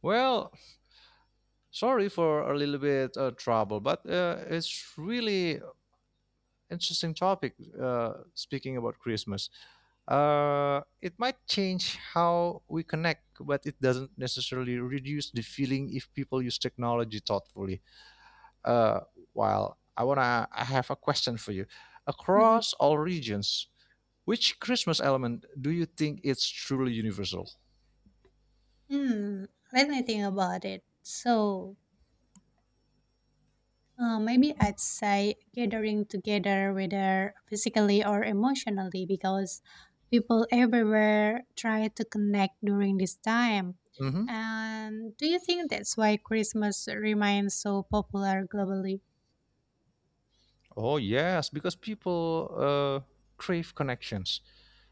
Well, sorry for a little bit trouble, but it's really interesting topic. Speaking about Christmas, it might change how we connect, but it doesn't necessarily reduce the feeling if people use technology thoughtfully. Uh, while I have a question for you. Mhm. Across all regions, which Christmas element do you think is truly universal? Hmm. When I think about it, so maybe I'd say gathering together, whether physically or emotionally, because people everywhere try to connect during this time. Hmm. And do you think that's why Christmas remains so popular globally? Oh yes, because people crave connections,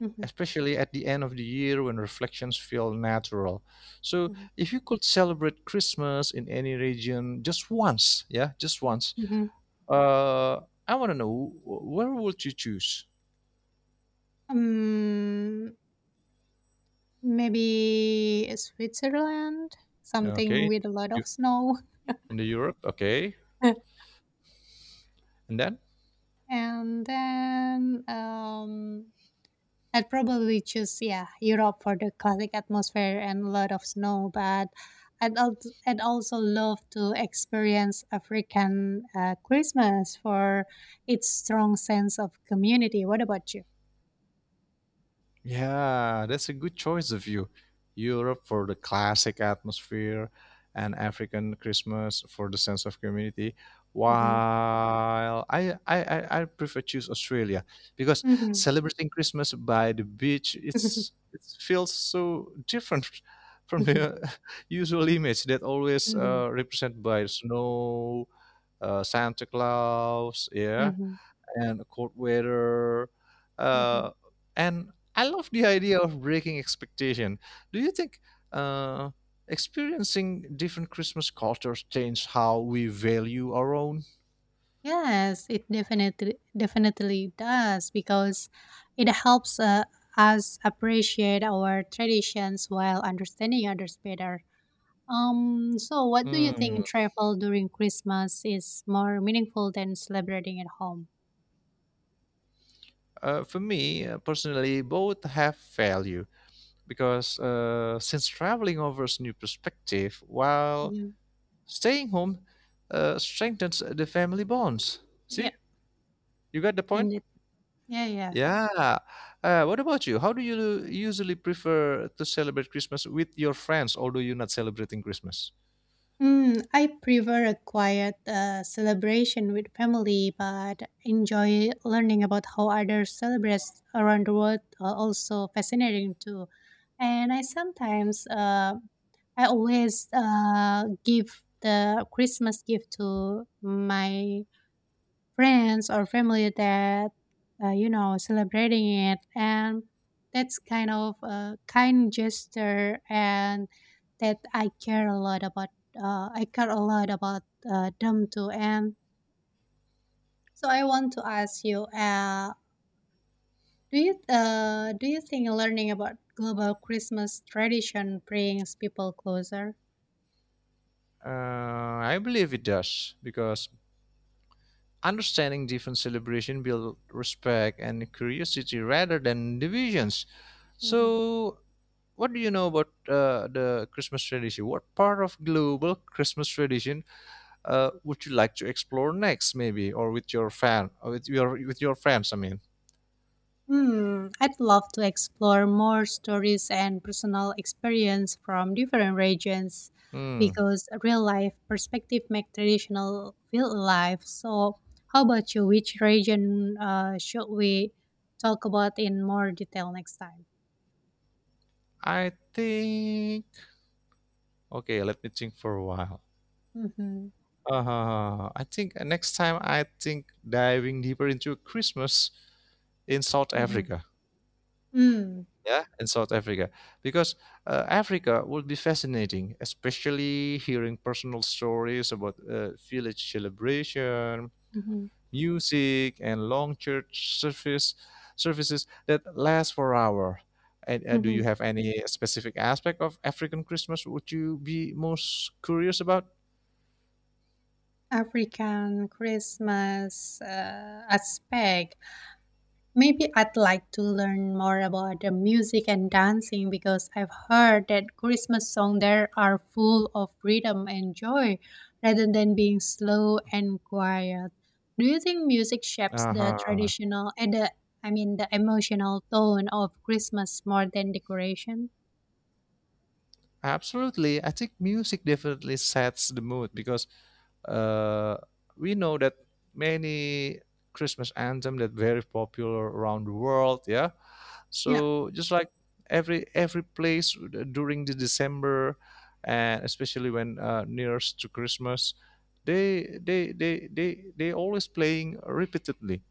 Mhm, especially at the end of the year when reflections feel natural. So, mhm, if you could celebrate Christmas in any region just once, yeah, just once, mhm. Uh, I want to know where would you choose? Um, Maybe Switzerland, something Okay, with a lot you, of snow. in the Europe. Okay, and then And then I'd probably choose yeah Europe for the classic atmosphere and a lot of snow. But I'd also love to experience African Christmas for its strong sense of community. What about you? yeah, that's a good choice of you. Europe for the classic atmosphere, and African Christmas for the sense of community. Mm-hmm. While I prefer choose Australia because Mm-hmm. celebrating Christmas by the beach it's it feels so different from Mm-hmm. the usual image that always Mm-hmm. Represented by snow, Santa Claus, yeah, Mm-hmm. and cold weather. Mm-hmm. Uh, and I love the idea of breaking expectation. Do you think uh, experiencing different Christmas cultures change how we value our own? Yes, it definitely does because it helps us appreciate our traditions while understanding others better. So what do you Mm. think travel during Christmas is more meaningful than celebrating at home? For me personally, both have value because since traveling offers new perspective, while Mhm. staying home strengthens the family bonds. Yeah, See, you got the point. indeed. Yeah, yeah. Yeah. What about you? How do you usually prefer to celebrate Christmas with your friends, although you're not celebrating Christmas? Mm, I prefer a quiet celebration with family, but enjoy learning about how others celebrate around the world. Are also fascinating too, and I sometimes I always give the Christmas gift to my friends or family that celebrating it, and that's kind of a kind gesture, and that I care a lot about, uh, i care a lot about them too. And so I want to ask you, do you think learning about global Christmas tradition brings people closer? Uh, I believe it does because understanding different celebration build respect and curiosity rather than divisions. Mhm. So, what do you know about the Christmas tradition? What part of global Christmas tradition would you like to explore next, maybe, or with your fan, or with your friends? I mean, Hmm, I'd love to explore more stories and personal experience from different regions hmm. because real life perspective make traditional feel alive. So, how about you? Which region should we talk about in more detail next time? I think Okay, let me think for a while. Mm-hmm, I think next time I think diving deeper into Christmas in South mm-hmm, Africa. mm, Yeah, in South Africa, because Africa would be fascinating, especially hearing personal stories about village celebration, hmm music, and long church services that last for hour. And do you hmm. have any specific aspect of African Christmas would you be most curious about? African Christmas aspect. Maybe I'd like to learn more about the music and dancing because I've heard that Christmas songs there are full of rhythm and joy rather than being slow and quiet. Do you think music shapes the Uh-huh. traditional and the I mean the emotional tone of Christmas more than decoration? Absolutely. I think music definitely sets the mood because uh, we know that many Christmas anthem that very popular around the world, yeah. Yeah. So just like every place during the December and especially when nearest to Christmas, they always playing repeatedly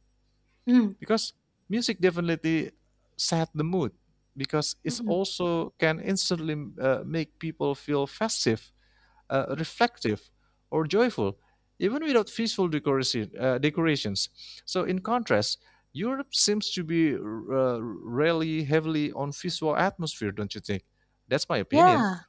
Mm. because music definitely set the mood because it's Mm-mm. also can instantly make people feel festive, Yep. reflective or joyful even without visual decorations. So in contrast, Europe seems to be really heavily on visual atmosphere, don't you think? That's my opinion. Yeah.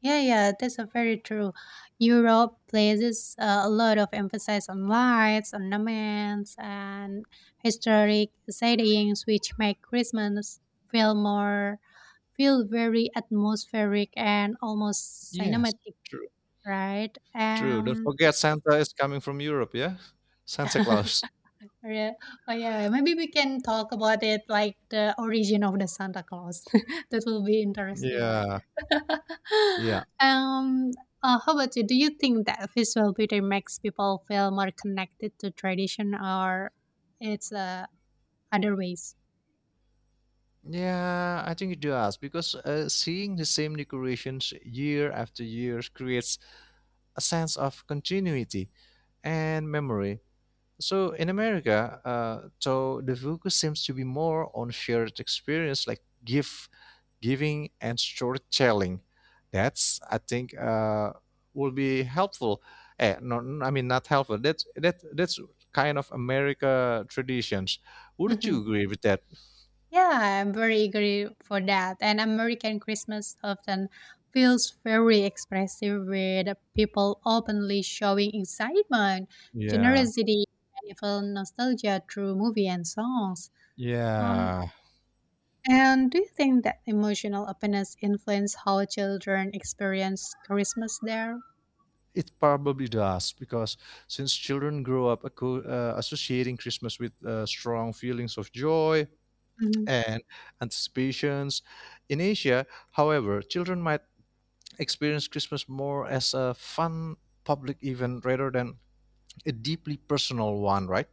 Yeah, yeah, that's a very true. Europe places a lot of emphasis on lights, ornaments, and historic sightings, which make Christmas feel more, feel very atmospheric and almost Yes, cinematic, true. right? True, don't forget Santa is coming from Europe, yeah. Santa Claus. Rea oh, yeah, maybe we can talk about it like the origin of the Santa Claus. That will be interesting, right? Yeah, yeah. Um, how about you? Do you think that visual beauty makes people feel more connected to tradition, or it's other ways? Yeah, I think it does because seeing the same decorations year after year creates a sense of continuity and memory. So in America, so the focus seems to be more on shared experience like gift giving and storytelling. That's I think Will be helpful. Eh, no, I mean not helpful. That's kind of America traditions. Wouldn't you Mhm. agree with that? Yeah, I'm very eager for that. And American Christmas often feels very expressive, with people openly showing excitement, Yeah. generosity, and even nostalgia through movie and songs. Um, Yeah. and do you think that emotional openness influence how children experience Christmas there? It probably does because since children grow up associating Christmas with strong feelings of joy Mhm. and anticipations. In Asia, however, children might experience Christmas more as a fun public event rather than a deeply personal one, right?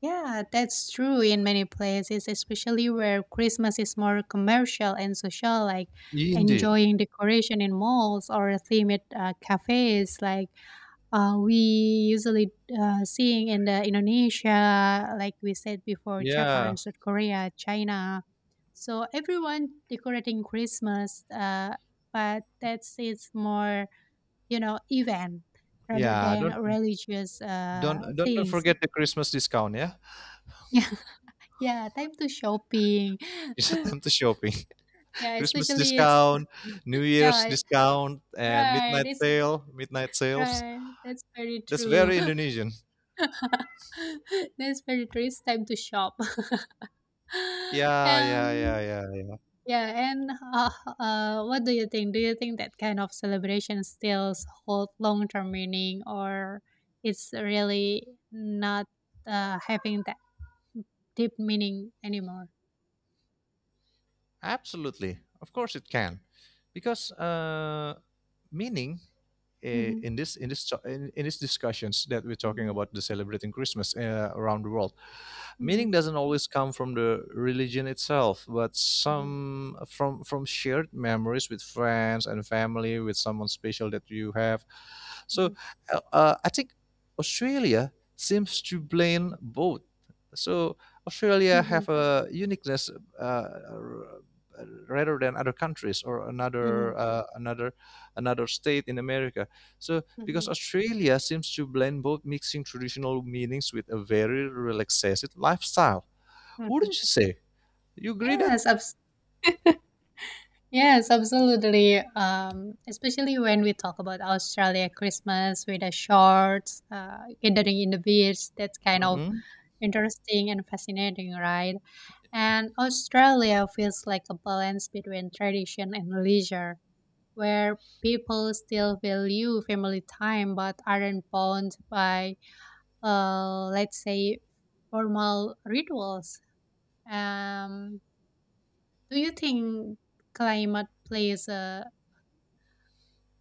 Yeah, that's true in many places, especially where Christmas is more commercial and social, like Indeed. enjoying decoration in malls or themed cafes, like we usually seeing in the Indonesia, like we said before, Yeah. Japan, South Korea, China. So everyone decorating Christmas, but that's it's more you know event rather Yeah, than don't religious don't don't don't things. forget the Christmas discount, yeah? Yeah, time to shopping. It's a time to shopping. Yeah, Christmas especially it's discount, New Year's yeah, discount, and right. midnight It's sale, midnight sales. right. That's very That's true. very Indonesian. That's very true. It's time to shop. Yeah, yeah, yeah, Um, yeah. yeah, and What do you think? Do you think that kind of celebration still hold long-term meaning, or it's really not having that deep meaning anymore? Absolutely. Of course it can. Because meaning, eh, Mm-hmm. In this to- in these discussions that we're talking Mm-hmm. about the celebrating Christmas around the world, Mm-hmm. meaning doesn't always come from the religion itself, but Mm-hmm. some from shared memories with friends and family, with someone special that you have. So, Mm-hmm. I think Australia seems to blame both. So Australia Mm-hmm. have a uniqueness, uh, uh, rather than other countries or Mm-hmm. another, another, another state in America. So Mm-hmm. because Australia seems to blend both, mixing traditional meanings with a very relaxed lifestyle. Wouldn't you say? You agree that? Yes, abs- yes, absolutely. Especially when we talk about Australia Christmas with the shorts, gathering in the beach, that's kind of Mm-hmm. interesting and fascinating, right? And Australia feels like a balance between tradition and leisure, where people still value family time but aren't bound by, let's say, formal rituals. Um, Do you think climate plays a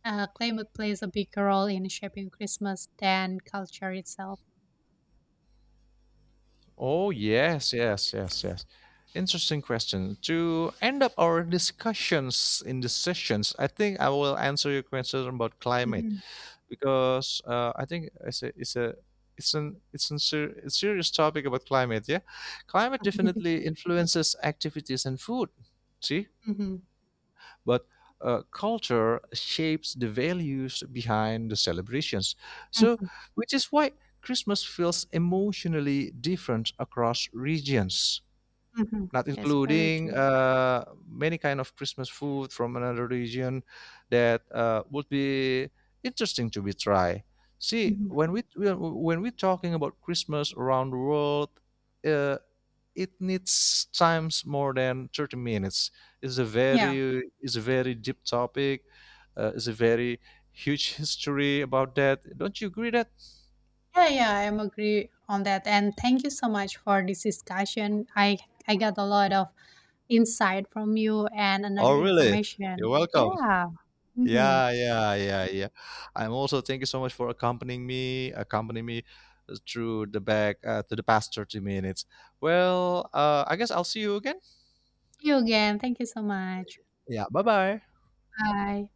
climate plays a bigger role in shaping Christmas than culture itself? Oh, yes, yes, yes, yes. Interesting question. To end up our discussions in the sessions, I think I will answer your question about climate Mhm. because I think it's a it's a it's an it's a ser- it's serious topic about climate. Yeah, climate Mhm. definitely influences activities and food. See, Mhm, but culture shapes the values behind the celebrations. So, which is why Christmas feels emotionally different across regions, mhm. not That's very including true. Many kind of Christmas food from another region that would be interesting to be tried. See, Mhm. when we're talking about Christmas around the world, uh, it needs times more than 30 minutes. It's a Yeah. very, deep topic. It's a very huge history about that, don't you agree that? Yeah, yeah, I'm agree on that. And thank you so much for this discussion. I got a lot of insight from you and another Oh really. information. You're welcome. Yeah. Hmm. Yeah. I'm also thank you so much for accompanying me through the back, to the past 30 minutes. Well, I guess I'll see you again. See you again. Thank you so much. Yeah, bye bye. Bye.